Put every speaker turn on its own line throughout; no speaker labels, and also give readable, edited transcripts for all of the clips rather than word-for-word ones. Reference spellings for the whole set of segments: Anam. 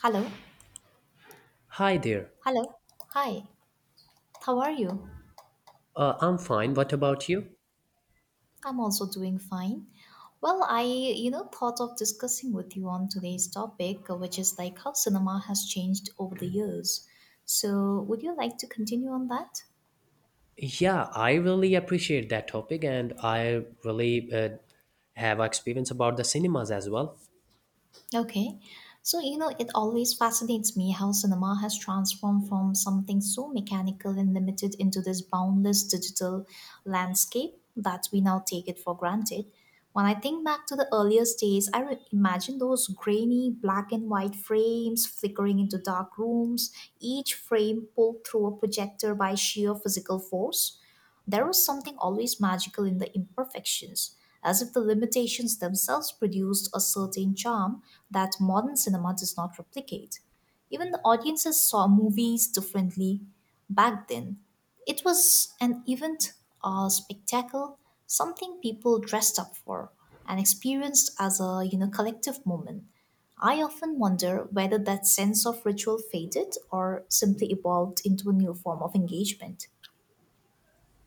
Hello.
Hi there.
Hello. Hi. How are you?
I'm fine. What about you?
I'm also doing fine. Well, I thought of discussing with you on today's topic, which is like how cinema has changed over the years. So, would you like to continue on that?
Yeah, I really appreciate that topic, and I really have experience about the cinemas as well.
Okay. So, it always fascinates me how cinema has transformed from something so mechanical and limited into this boundless digital landscape that we now take it for granted. When I think back to the earliest days, I imagine those grainy black and white frames flickering into dark rooms, each frame pulled through a projector by sheer physical force. There was something always magical in the imperfections, as if the limitations themselves produced a certain charm that modern cinema does not replicate. Even the audiences saw movies differently back then. It was an event, a spectacle, something people dressed up for and experienced as a collective moment. I often wonder whether that sense of ritual faded or simply evolved into a new form of engagement.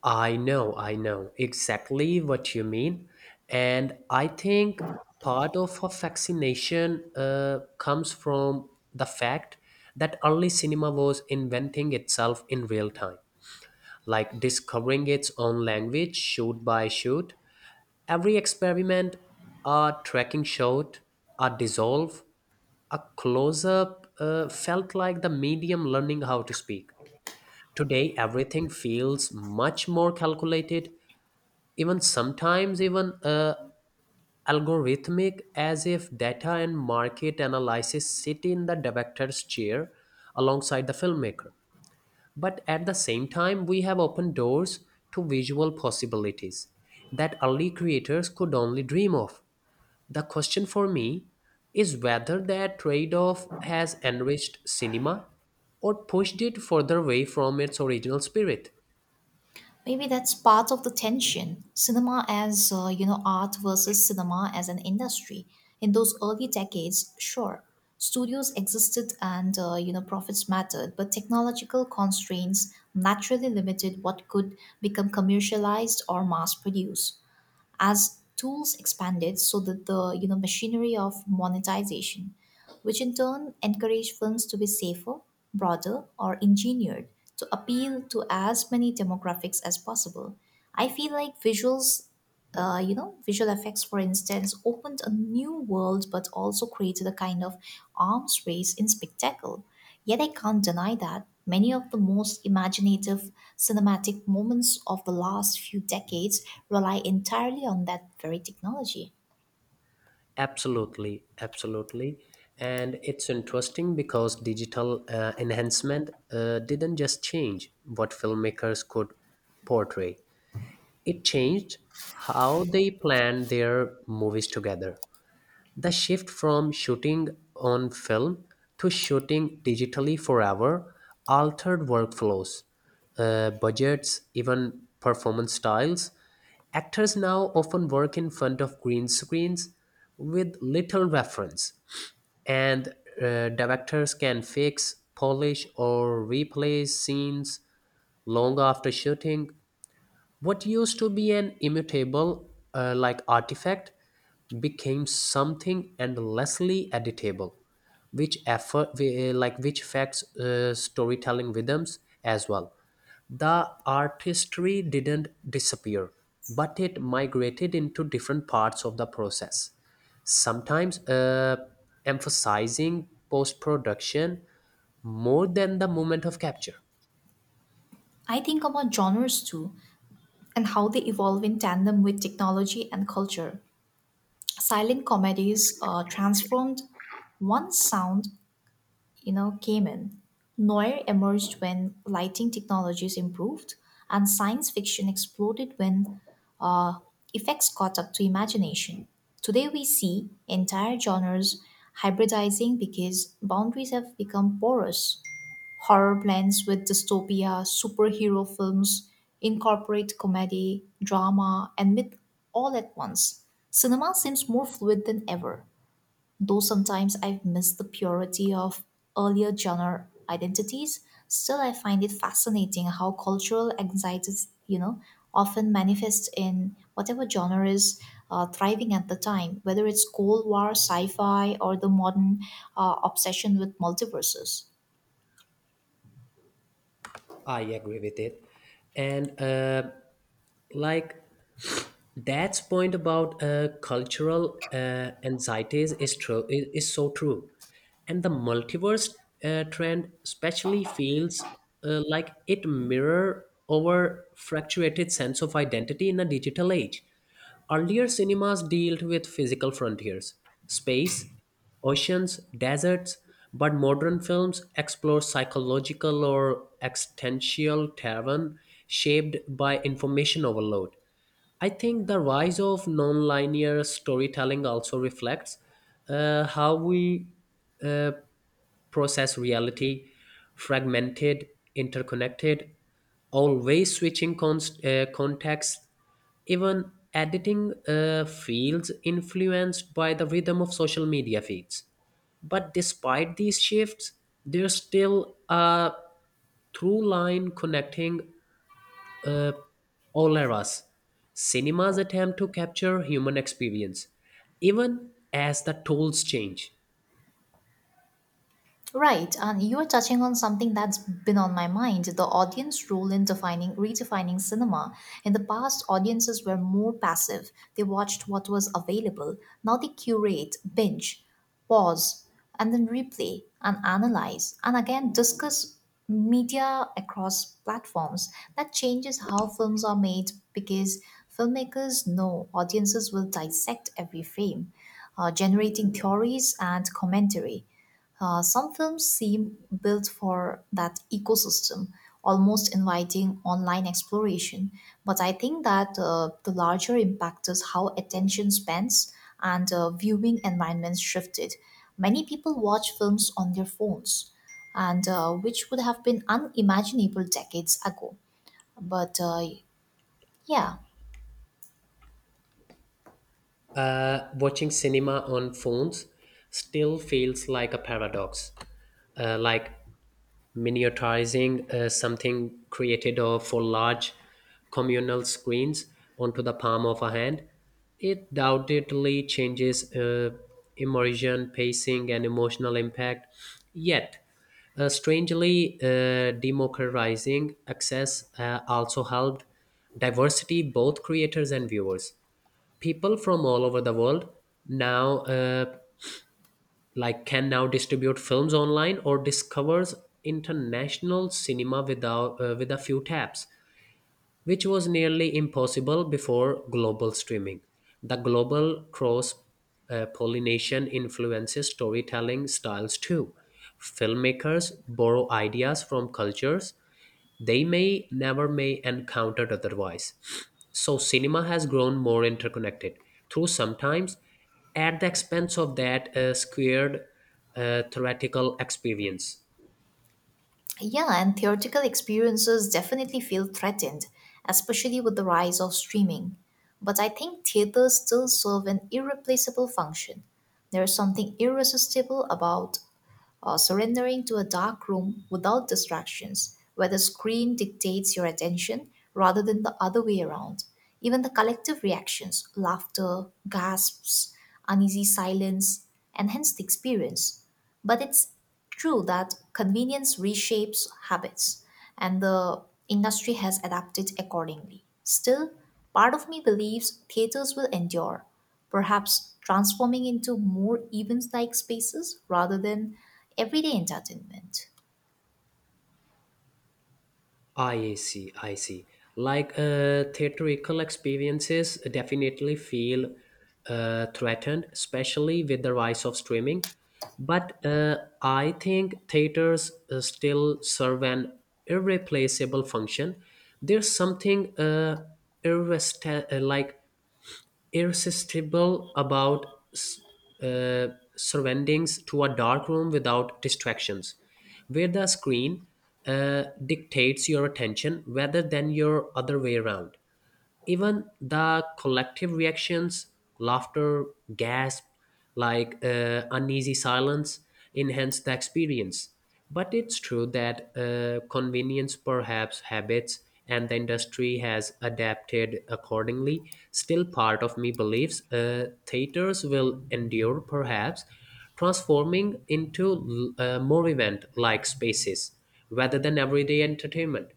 I know exactly what you mean, and I think part of a fascination comes from the fact that early cinema was inventing itself in real time, like discovering its own language, shoot by shoot. Every experiment, a tracking shot, a dissolve, a close up, felt like the medium learning how to speak. Today, everything feels much more calculated, even sometimes even algorithmic, as if data and market analysis sit in the director's chair alongside the filmmaker. But at the same time, we have opened doors to visual possibilities that early creators could only dream of. The question for me is whether that trade off has enriched cinema or pushed it further away from its original spirit.
Maybe that's part of the tension. Cinema as art versus cinema as an industry. In those early decades, sure, studios existed and profits mattered, but technological constraints naturally limited what could become commercialized or mass produced as tools expanded, so that the machinery of monetization, which in turn encouraged films to be safer, broader, or engineered to appeal to as many demographics as possible. I feel like visuals you know visual effects, for instance, opened a new world, but also created a kind of arms race in spectacle. Yet I can't deny that many of the most imaginative cinematic moments of the last few decades rely entirely on that very technology.
Absolutely. And it's interesting because digital enhancement didn't just change what filmmakers could portray, it changed how they planned their movies together. The shift from shooting on film to shooting digitally forever altered workflows, budgets, even performance styles. Actors now often work in front of green screens with little reference, and directors can fix, polish, or replay scenes long after shooting. What used to be an immutable like artifact became something endlessly editable, which effort, we- like which affects storytelling rhythms as well. The artistry didn't disappear, but it migrated into different parts of the process, sometimes emphasizing post production more than the moment of capture.
I think about genres too, and how they evolve in tandem with technology and culture. Silent comedies transformed once sound, came in. Noir emerged when lighting technologies improved, and science fiction exploded when effects caught up to imagination. Today we see entire genres hybridizing because boundaries have become porous. Horror blends with dystopia, superhero films incorporate comedy, drama, and myth all at once. Cinema seems more fluid than ever. Though sometimes I've missed the purity of earlier genre identities, still I find it fascinating how cultural anxieties, often manifest in whatever genre is thriving at the time, whether it's Cold War, sci-fi, or the modern obsession with multiverses.
I agree with it. And like that's point about cultural anxieties is so true, and the multiverse trend especially feels like it mirror our fluctuated sense of identity in a digital age. Earlier cinemas dealt with physical frontiers: space, oceans, deserts, but modern films explore psychological or existential terrain shaped by information overload. I think the rise of nonlinear storytelling also reflects how we uh, process reality: fragmented, interconnected, always switching context, even editing fields influenced by the rhythm of social media feeds. But despite these shifts, there's still a through line connecting uh, Oleras. Cinema's attempt to capture human experience, even as the tools change.
Right, and you are touching on something that's been on my mind, the audience role in defining, redefining cinema. In the past, audiences were more passive, they watched what was available. Now they curate, binge, pause, and then replay and analyze, and again discuss media across platforms. That changes how films are made, because filmmakers know audiences will dissect every frame, generating theories and commentary. Some films seem built for that ecosystem, almost inviting online exploration. But I think that the larger impact is how attention spans and viewing environments shifted. Many people watch films on their phones, and which would have been unimaginable decades ago. But yeah.
Watching cinema on phones still feels like a paradox. Uh, like Miniaturizing something created for large communal screens onto the palm of a hand. It undoubtedly changes immersion, pacing, and emotional impact. Yet, strangely, democratizing access also helped diversity, both creators and viewers. People from all over the world now can now distribute films online or discovers international cinema without with a few taps, which was nearly impossible before global streaming. The global cross pollination influences storytelling styles too. Filmmakers borrow ideas from cultures they may never may encounter otherwise. So cinema has grown more interconnected through, sometimes at the expense of that squared theoretical experience.
Yeah, and theatrical experiences definitely feel threatened, especially with the rise of streaming. But I think theaters still serve an irreplaceable function. There is something irresistible about surrendering to a dark room without distractions, where the screen dictates your attention rather than the other way around. Even the collective reactions, laughter, gasps, uneasy silence, enhance the experience. But it's true that convenience reshapes habits and the industry has adapted accordingly. Still, part of me believes theaters will endure, perhaps transforming into more event like spaces rather than everyday entertainment.
I see. Theatrical experiences definitely feel threatened, especially with the rise of streaming. But I think theaters still serve an irreplaceable function. There's something irrest- uh, like irresistible about uh, surroundings to a dark room without distractions, where the screen dictates your attention rather than your other way around. Even the collective reactions, laughter, gasp, uneasy silence enhance the experience. But it's true that convenience perhaps habits, and the industry has adapted accordingly. Still, part of me believes theaters will endure, perhaps transforming into more event like spaces rather than everyday entertainment.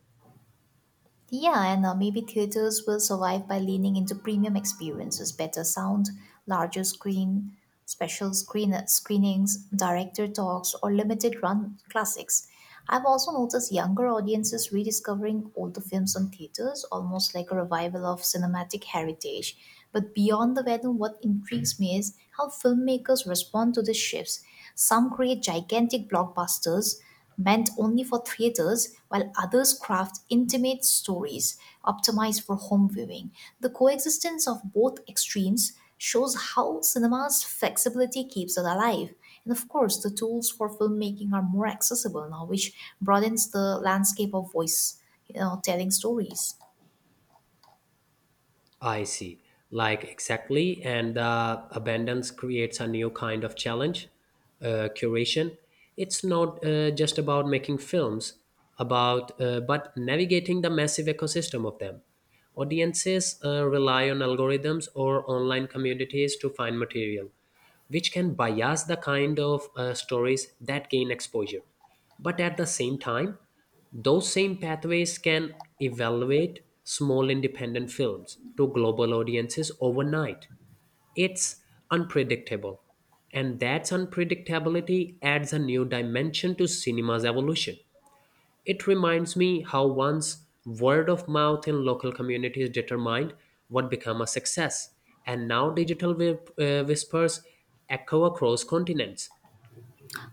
Yeah, and maybe theaters will survive by leaning into premium experiences, better sound, larger screen, special screenings, director talks, or limited run classics. I've also noticed younger audiences rediscovering older films on theaters, almost like a revival of cinematic heritage. But beyond the venue, what intrigues me is how filmmakers respond to these shifts. Some create gigantic blockbusters, meant only for theaters, while others craft intimate stories optimized for home viewing. The coexistence of both extremes shows how cinema's flexibility keeps it alive. And of course, the tools for filmmaking are more accessible now, which broadens the landscape of voice, telling stories.
I see. Exactly, and the abundance creates a new kind of challenge, curation. It's not just about making films, about but navigating the massive ecosystem of them. Audiences rely on algorithms or online communities to find material, which can bias the kind of stories that gain exposure. But at the same time, those same pathways can evaluate small independent films to global audiences overnight. It's unpredictable. And that unpredictability adds a new dimension to cinema's evolution. It reminds me how once word of mouth in local communities determined what became a success, and now digital whispers echo across continents.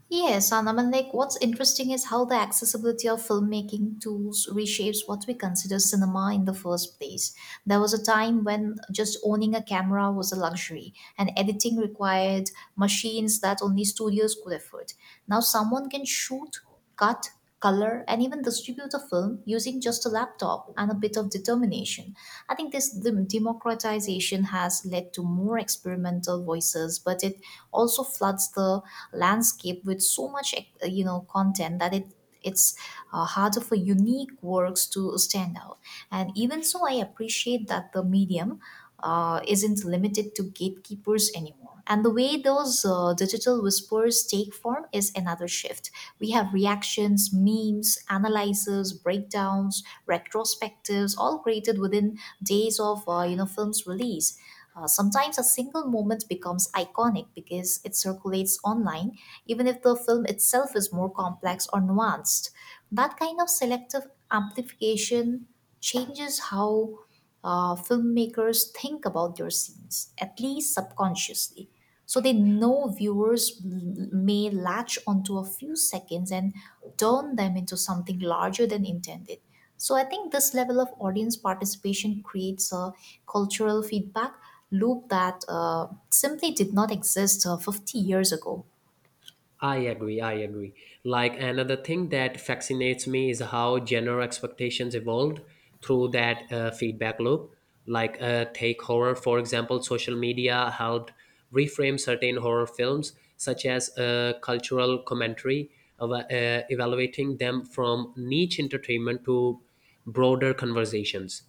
Yes, Anam, and like what's interesting is how the accessibility of filmmaking tools reshapes what we consider cinema in the first place. There was a time when just owning a camera was a luxury, and editing required machines that only studios could afford. Now, someone can shoot, cut, color, and even distribute a film using just a laptop and a bit of determination. I think this democratization has led to more experimental voices, but it also floods the landscape with so much, content that it's harder for unique works to stand out. And even so, I appreciate that the medium isn't limited to gatekeepers anymore. And the way those digital whispers take form is another shift. We have reactions, memes, analyses, breakdowns, retrospectives, all created within days of film's release. Sometimes a single moment becomes iconic because it circulates online, even if the film itself is more complex or nuanced. That kind of selective amplification changes how filmmakers think about their scenes, at least subconsciously. So they know viewers may latch onto a few seconds and turn them into something larger than intended. So I think this level of audience participation creates a cultural feedback loop that simply did not exist 50 years ago.
I agree. Like another thing that fascinates me is how genre expectations evolved through that feedback loop. Like, take horror, for example, social media helped reframe certain horror films, such as cultural commentary, of, evaluating them from niche entertainment to broader conversations.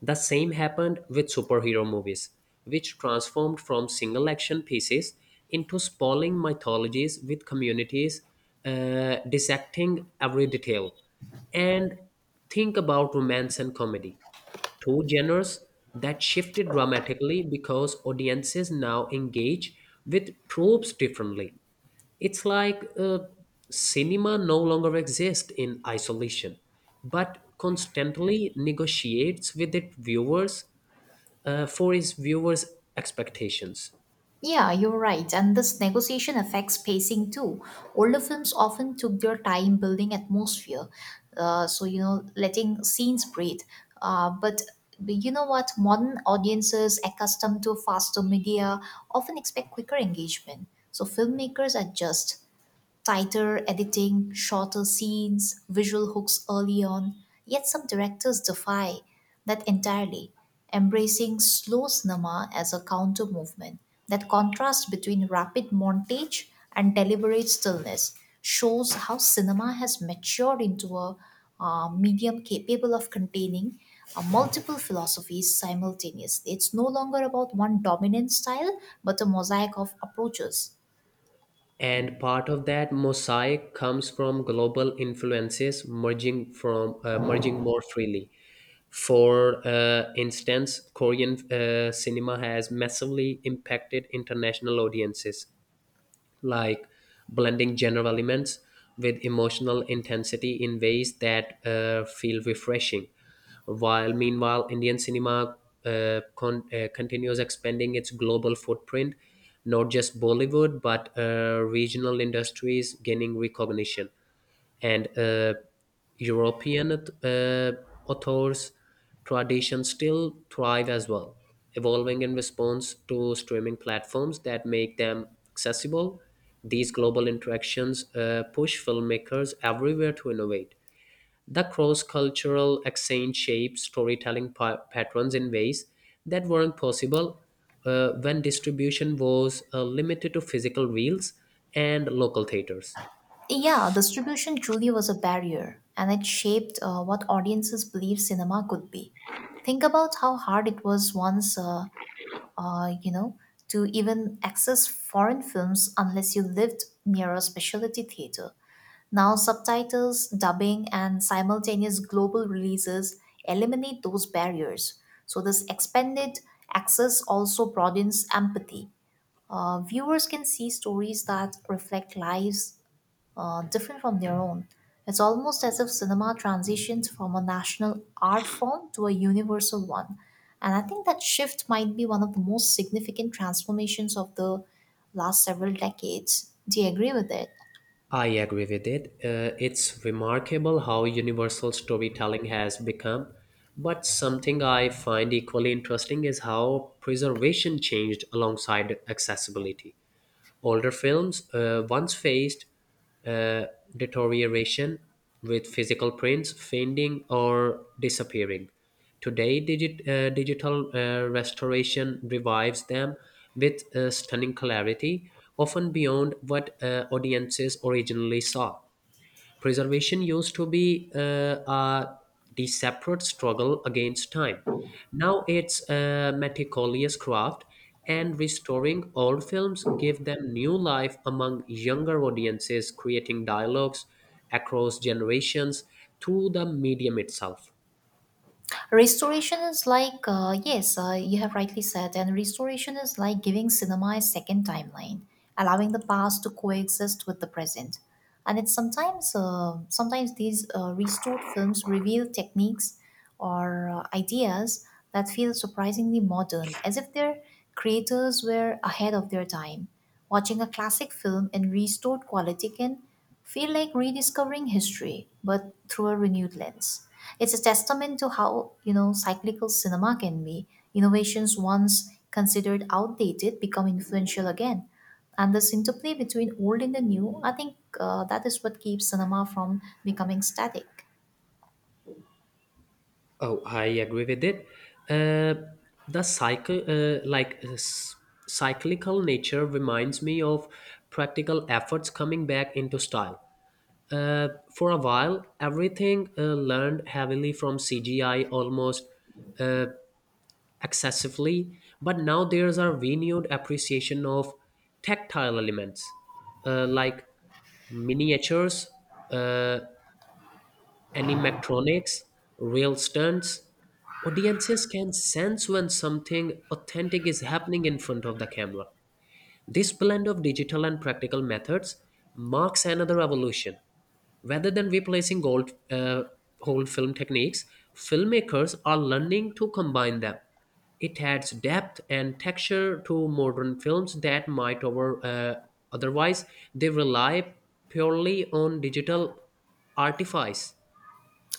The same happened with superhero movies, which transformed from single action pieces into sprawling mythologies with communities dissecting every detail. And think about romance and comedy, two genres that shifted dramatically because audiences now engage with tropes differently. It's like cinema no longer exists in isolation, but constantly negotiates with its viewers for its viewers' expectations.
Yeah, you're right. And this negotiation affects pacing too. Older films often took their time building atmosphere, letting scenes breathe. Uh, but but you know what? Modern audiences accustomed to faster media often expect quicker engagement. So filmmakers adjust tighter editing, shorter scenes, visual hooks early on, yet some directors defy that entirely, embracing slow cinema as a counter movement. That contrast between rapid montage and deliberate stillness shows how cinema has matured into a medium capable of containing multiple philosophies simultaneously. It's no longer about one dominant style, but a mosaic of approaches.
And part of that mosaic comes from global influences merging more freely. For instance, Korean cinema has massively impacted international audiences, like blending general elements with emotional intensity in ways that feel refreshing. While meanwhile, Indian cinema continues expanding its global footprint, not just Bollywood, but regional industries gaining recognition, and European authors' traditions still thrive as well, evolving in response to streaming platforms that make them accessible. These global interactions push filmmakers everywhere to innovate. The cross cultural exchange shapes storytelling patterns in ways that weren't possible when distribution was limited to physical reels and local theaters.
Yeah, distribution truly was a barrier, and it shaped what audiences believed cinema could be. Think about how hard it was once, uh, you know, to even access foreign films unless you lived near a specialty theater. Now, subtitles, dubbing, and simultaneous global releases eliminate those barriers. So, this expanded access also broadens empathy. Viewers can see stories that reflect lives different from their own. It's almost as if cinema transitions from a national art form to a universal one. And I think that shift might be one of the most significant transformations of the last several decades. Do you agree with it?
I agree with it. It's remarkable how universal storytelling has become. But something I find equally interesting is how preservation changed alongside accessibility. Older films once faced uh, deterioration with physical prints fading or disappearing. Today, digital restoration revives them with stunning clarity, often beyond what audiences originally saw. Preservation used to be uh, the separate struggle against time. Now it's a meticulous craft, and restoring old films give them new life among younger audiences, creating dialogues across generations through the medium itself.
Restoration is like, yes, you have rightly said, and restoration is like giving cinema a second timeline, allowing the past to coexist with the present. And it's sometimes these restored films reveal techniques or ideas that feel surprisingly modern, as if their creators were ahead of their time. Watching a classic film in restored quality can feel like rediscovering history, but through a renewed lens. It's a testament to how, cyclical cinema can be. Innovations once considered outdated become influential again. And this interplay between old and the new, I think that is what keeps cinema from becoming static.
Oh, I agree with it. Uh, the cycle, cyclical nature, reminds me of practical efforts coming back into style. Uh, for a while, everything learned heavily from CGI, almost excessively, but now there's a renewed appreciation of tactile elements, like miniatures, uh, animatronics, real stunts. Audiences can sense when something authentic is happening in front of the camera. This blend of digital and practical methods marks another evolution. Rather than replacing old film techniques, filmmakers are learning to combine them. It adds depth and texture to modern films that might otherwise they rely purely on digital artifice.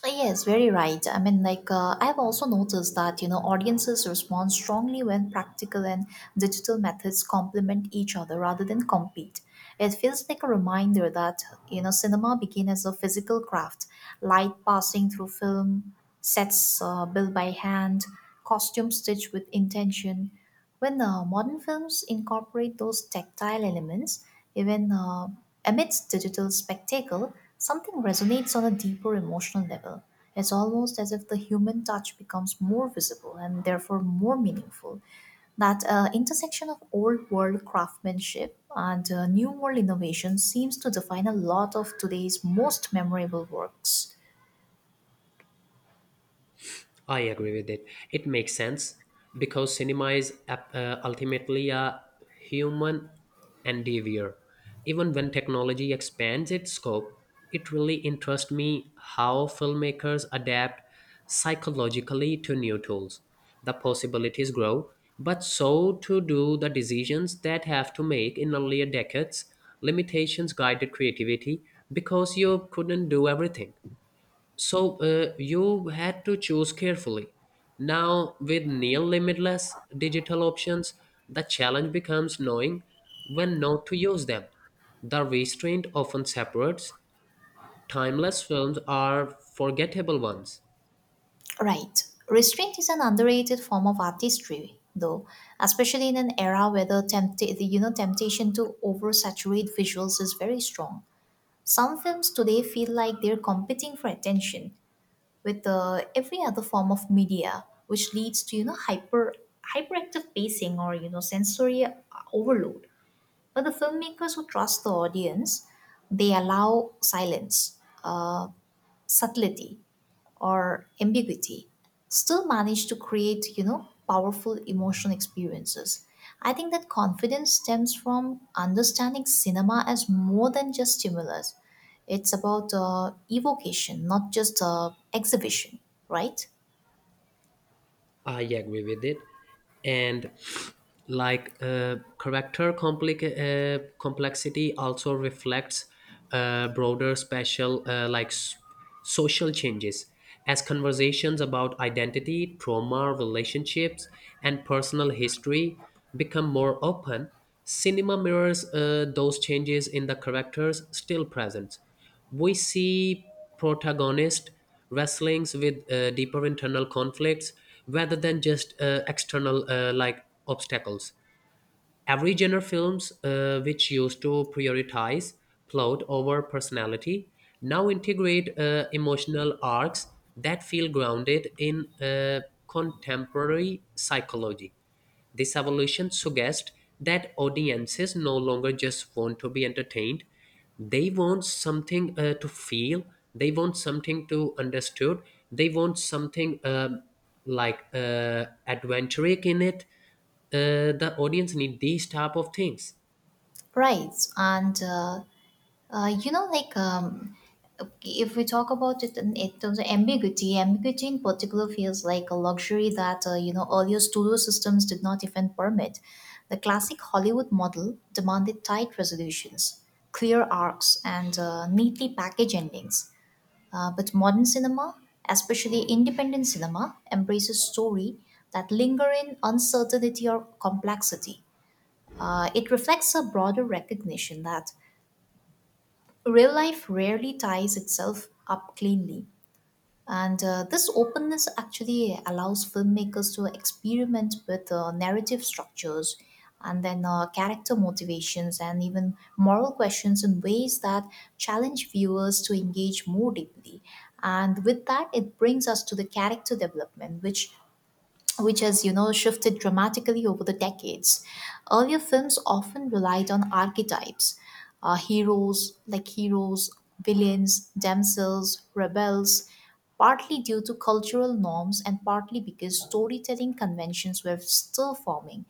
Yes, very right. I mean, like, I've also noticed that, audiences respond strongly when practical and digital methods complement each other rather than compete. It feels like a reminder that, cinema began as a physical craft, light passing through film, sets built by hand, costumes stitched with intention. When modern films incorporate those tactile elements, even amidst digital spectacle, something resonates on a deeper emotional level. It's almost as if the human touch becomes more visible and therefore more meaningful. That intersection of old world craftsmanship and new world innovation seems to define a lot of today's most memorable works.
I agree with it. It makes sense because cinema is ultimately a human endeavor. Even when technology expands its scope, it really interests me how filmmakers adapt psychologically to new tools. The possibilities grow, but so too do the decisions that have to make in earlier decades. Limitations guided creativity because you couldn't do everything. So you had to choose carefully. Now, with near limitless digital options, the challenge becomes knowing when not to use them. The restraint often separates. Timeless films are forgettable ones.
Right. Restraint is an underrated form of artistry, though, especially in an era where the temptation to oversaturate visuals is very strong. Some films today feel like they're competing for attention with every other form of media, which leads to hyperactive pacing or sensory overload. But the filmmakers who trust the audience, they allow silence, uh, subtlety, or ambiguity, still manage to create powerful emotional experiences. I think that confidence stems from understanding cinema as more than just stimulus. It's about evocation, not just exhibition. Right,
I agree with it, and character complexity also reflects broader special social changes as conversations about identity, trauma, relationships, and personal history become more open. Cinema mirrors those changes in the characters still present. We see protagonists wrestling with deeper internal conflicts rather than just external obstacles. Every genre films which used to prioritize plot over personality now integrate emotional arcs that feel grounded in contemporary psychology. This evolution suggests that audiences no longer just want to be entertained, they want something to feel, they want something to understood, they want something adventurous in it. The audience need these type of things.
right. And like, if we talk about it in terms of ambiguity in particular feels like a luxury that earlier studio systems did not even permit. The classic Hollywood model demanded tight resolutions, clear arcs, and neatly packaged endings. But modern cinema, especially independent cinema, embraces story that linger in uncertainty or complexity. It reflects a broader recognition that real life rarely ties itself up cleanly. And this openness actually allows filmmakers to experiment with narrative structures and then character motivations and even moral questions in ways that challenge viewers to engage more deeply. And with that, it brings us to the character development, which has shifted dramatically over the decades. Earlier films often relied on archetypes, heroes, villains, damsels, rebels, partly due to cultural norms and partly because storytelling conventions were still forming.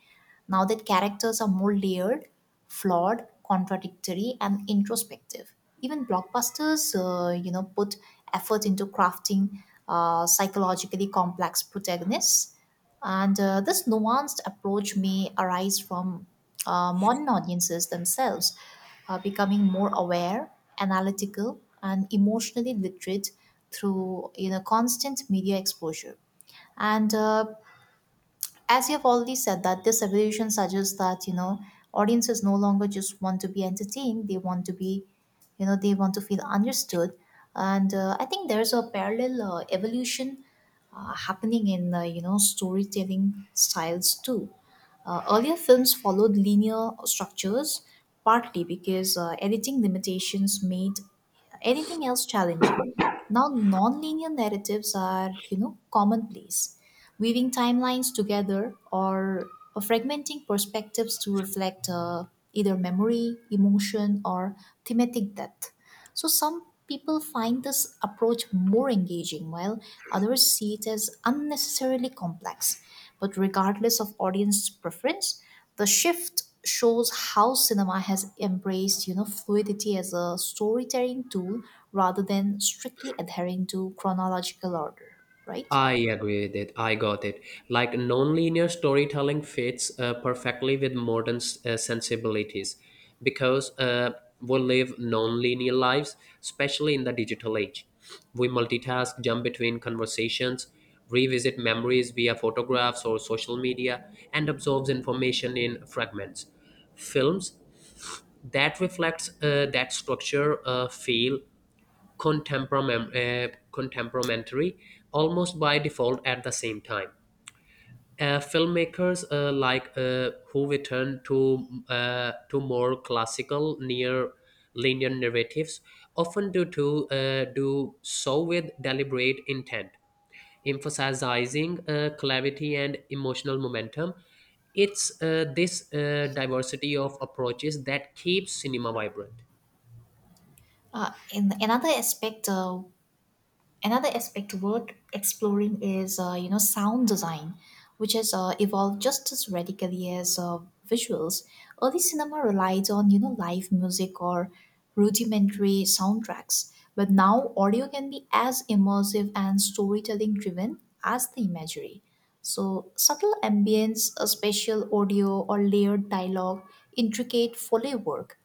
Now that characters are more layered, flawed, contradictory, and introspective, even blockbusters put effort into crafting psychologically complex protagonists. And this nuanced approach may arise from modern audiences themselves becoming more aware, analytical, and emotionally literate through constant media exposure. And as you've already said, that this evolution suggests that audiences no longer just want to be entertained, they want to be, they want to feel understood. And I think there's a parallel evolution happening in storytelling styles too. Earlier films followed linear structures partly because editing limitations made anything else challenging. Now, non-linear narratives are, commonplace, weaving timelines together or fragmenting perspectives to reflect either memory, emotion, or thematic depth. So some people find this approach more engaging, while others see it as unnecessarily complex. But regardless of audience preference, the shift shows how cinema has embraced, fluidity as a storytelling tool rather than strictly adhering to chronological order, right?
I agree with it. I got it. Like nonlinear storytelling fits perfectly with modern sensibilities because we live nonlinear lives, especially in the digital age. We multitask, jump between conversations, revisit memories via photographs or social media, and absorbs information in fragments. Films that reflects that structure feel contemporary almost by default at the same time. Filmmakers who return to more classical near linear narratives often do to do so with deliberate intent, emphasizing clarity and emotional momentum. It's this diversity of approaches that keeps cinema vibrant.
In another aspect worth exploring is sound design, which has evolved just as radically as visuals. Early cinema relied on live music or rudimentary soundtracks, but now audio can be as immersive and storytelling driven as the imagery. So subtle ambience, a spatial audio, or layered dialogue, intricate foley work,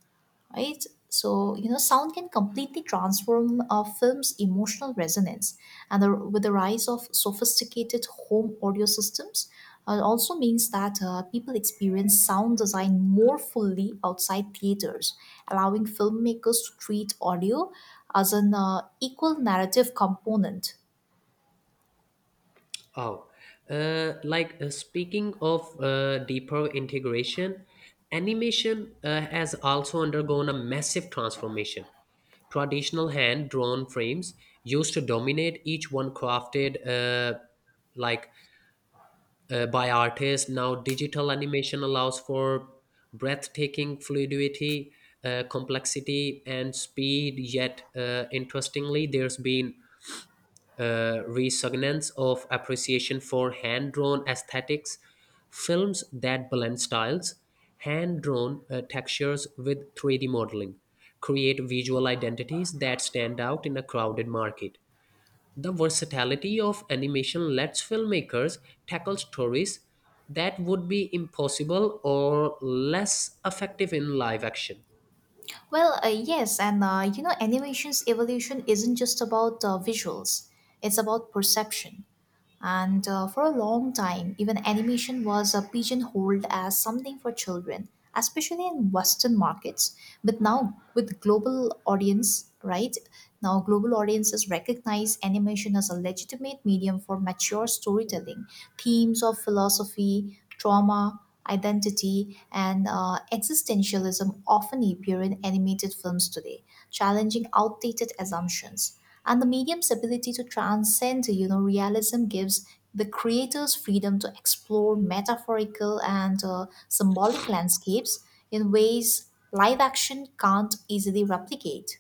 right? So sound can completely transform a film's emotional resonance, and with the rise of sophisticated home audio systems, it also means that people experience sound design more fully outside theaters, allowing filmmakers to treat audio as an equal narrative component.
Oh, speaking of deeper integration, animation has also undergone a massive transformation. Traditional hand drawn frames used to dominate, each one crafted like by artists. Now, digital animation allows for breathtaking fluidity, complexity, and speed. Yet, interestingly, there's been resurgence of appreciation for hand drawn aesthetics. Films that blend styles, hand drawn textures with 3D modeling, create visual identities that stand out in a crowded market. The versatility of animation lets filmmakers tackle stories that would be impossible or less effective in live action.
Well, yes, and animation's evolution isn't just about visuals; it's about perception. And for a long time, even animation was pigeonholed as something for children, especially in Western markets. But now, with global audience, right? Now, global audiences recognize animation as a legitimate medium for mature storytelling. Themes of philosophy, trauma, identity, and existentialism often appear in animated films today, challenging outdated assumptions. And the medium's ability to transcend, realism gives the creators freedom to explore metaphorical and symbolic landscapes in ways live action can't easily replicate.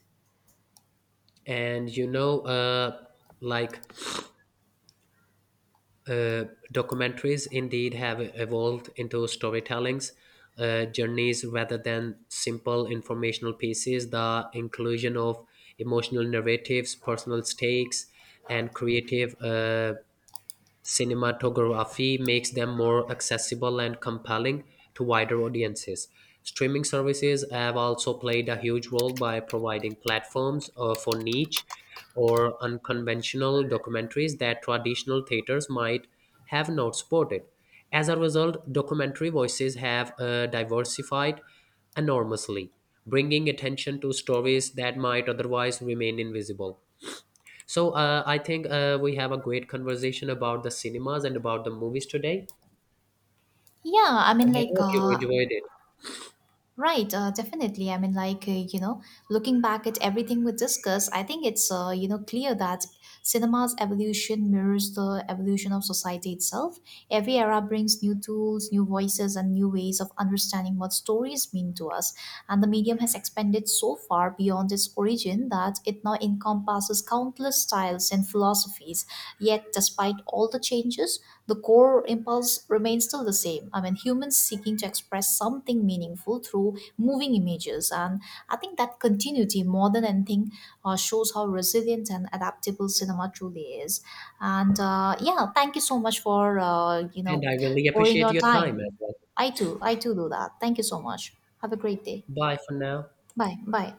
And you know, like uh, documentaries indeed have evolved into storytellings journeys rather than simple informational pieces. The inclusion of emotional narratives, personal stakes, and creative cinematography makes them more accessible and compelling to wider audiences. Streaming services have also played a huge role by providing platforms for niche or unconventional documentaries that traditional theaters might have not supported. As a result, documentary voices have diversified enormously, bringing attention to stories that might otherwise remain invisible. So I think we have a great conversation about the cinemas and about the movies today,
Yeah, I mean,
and I hope you enjoyed it.
right, definitely. I mean, like, looking back at everything we discussed, I think it's, clear that cinema's evolution mirrors the evolution of society itself. Every era brings new tools, new voices, and new ways of understanding what stories mean to us. And the medium has expanded so far beyond its origin that it now encompasses countless styles and philosophies. Yet, despite all the changes, the core impulse remains still the same. I mean, humans seeking to express something meaningful through moving images. And I think that continuity, more than anything, shows how resilient and adaptable cinema truly is. And yeah, thank you so much for,
And I really
pouring
appreciate
your
your time as
time.
well.
I too do that. Thank you so much. Have a great day.
Bye for now.
Bye. Bye.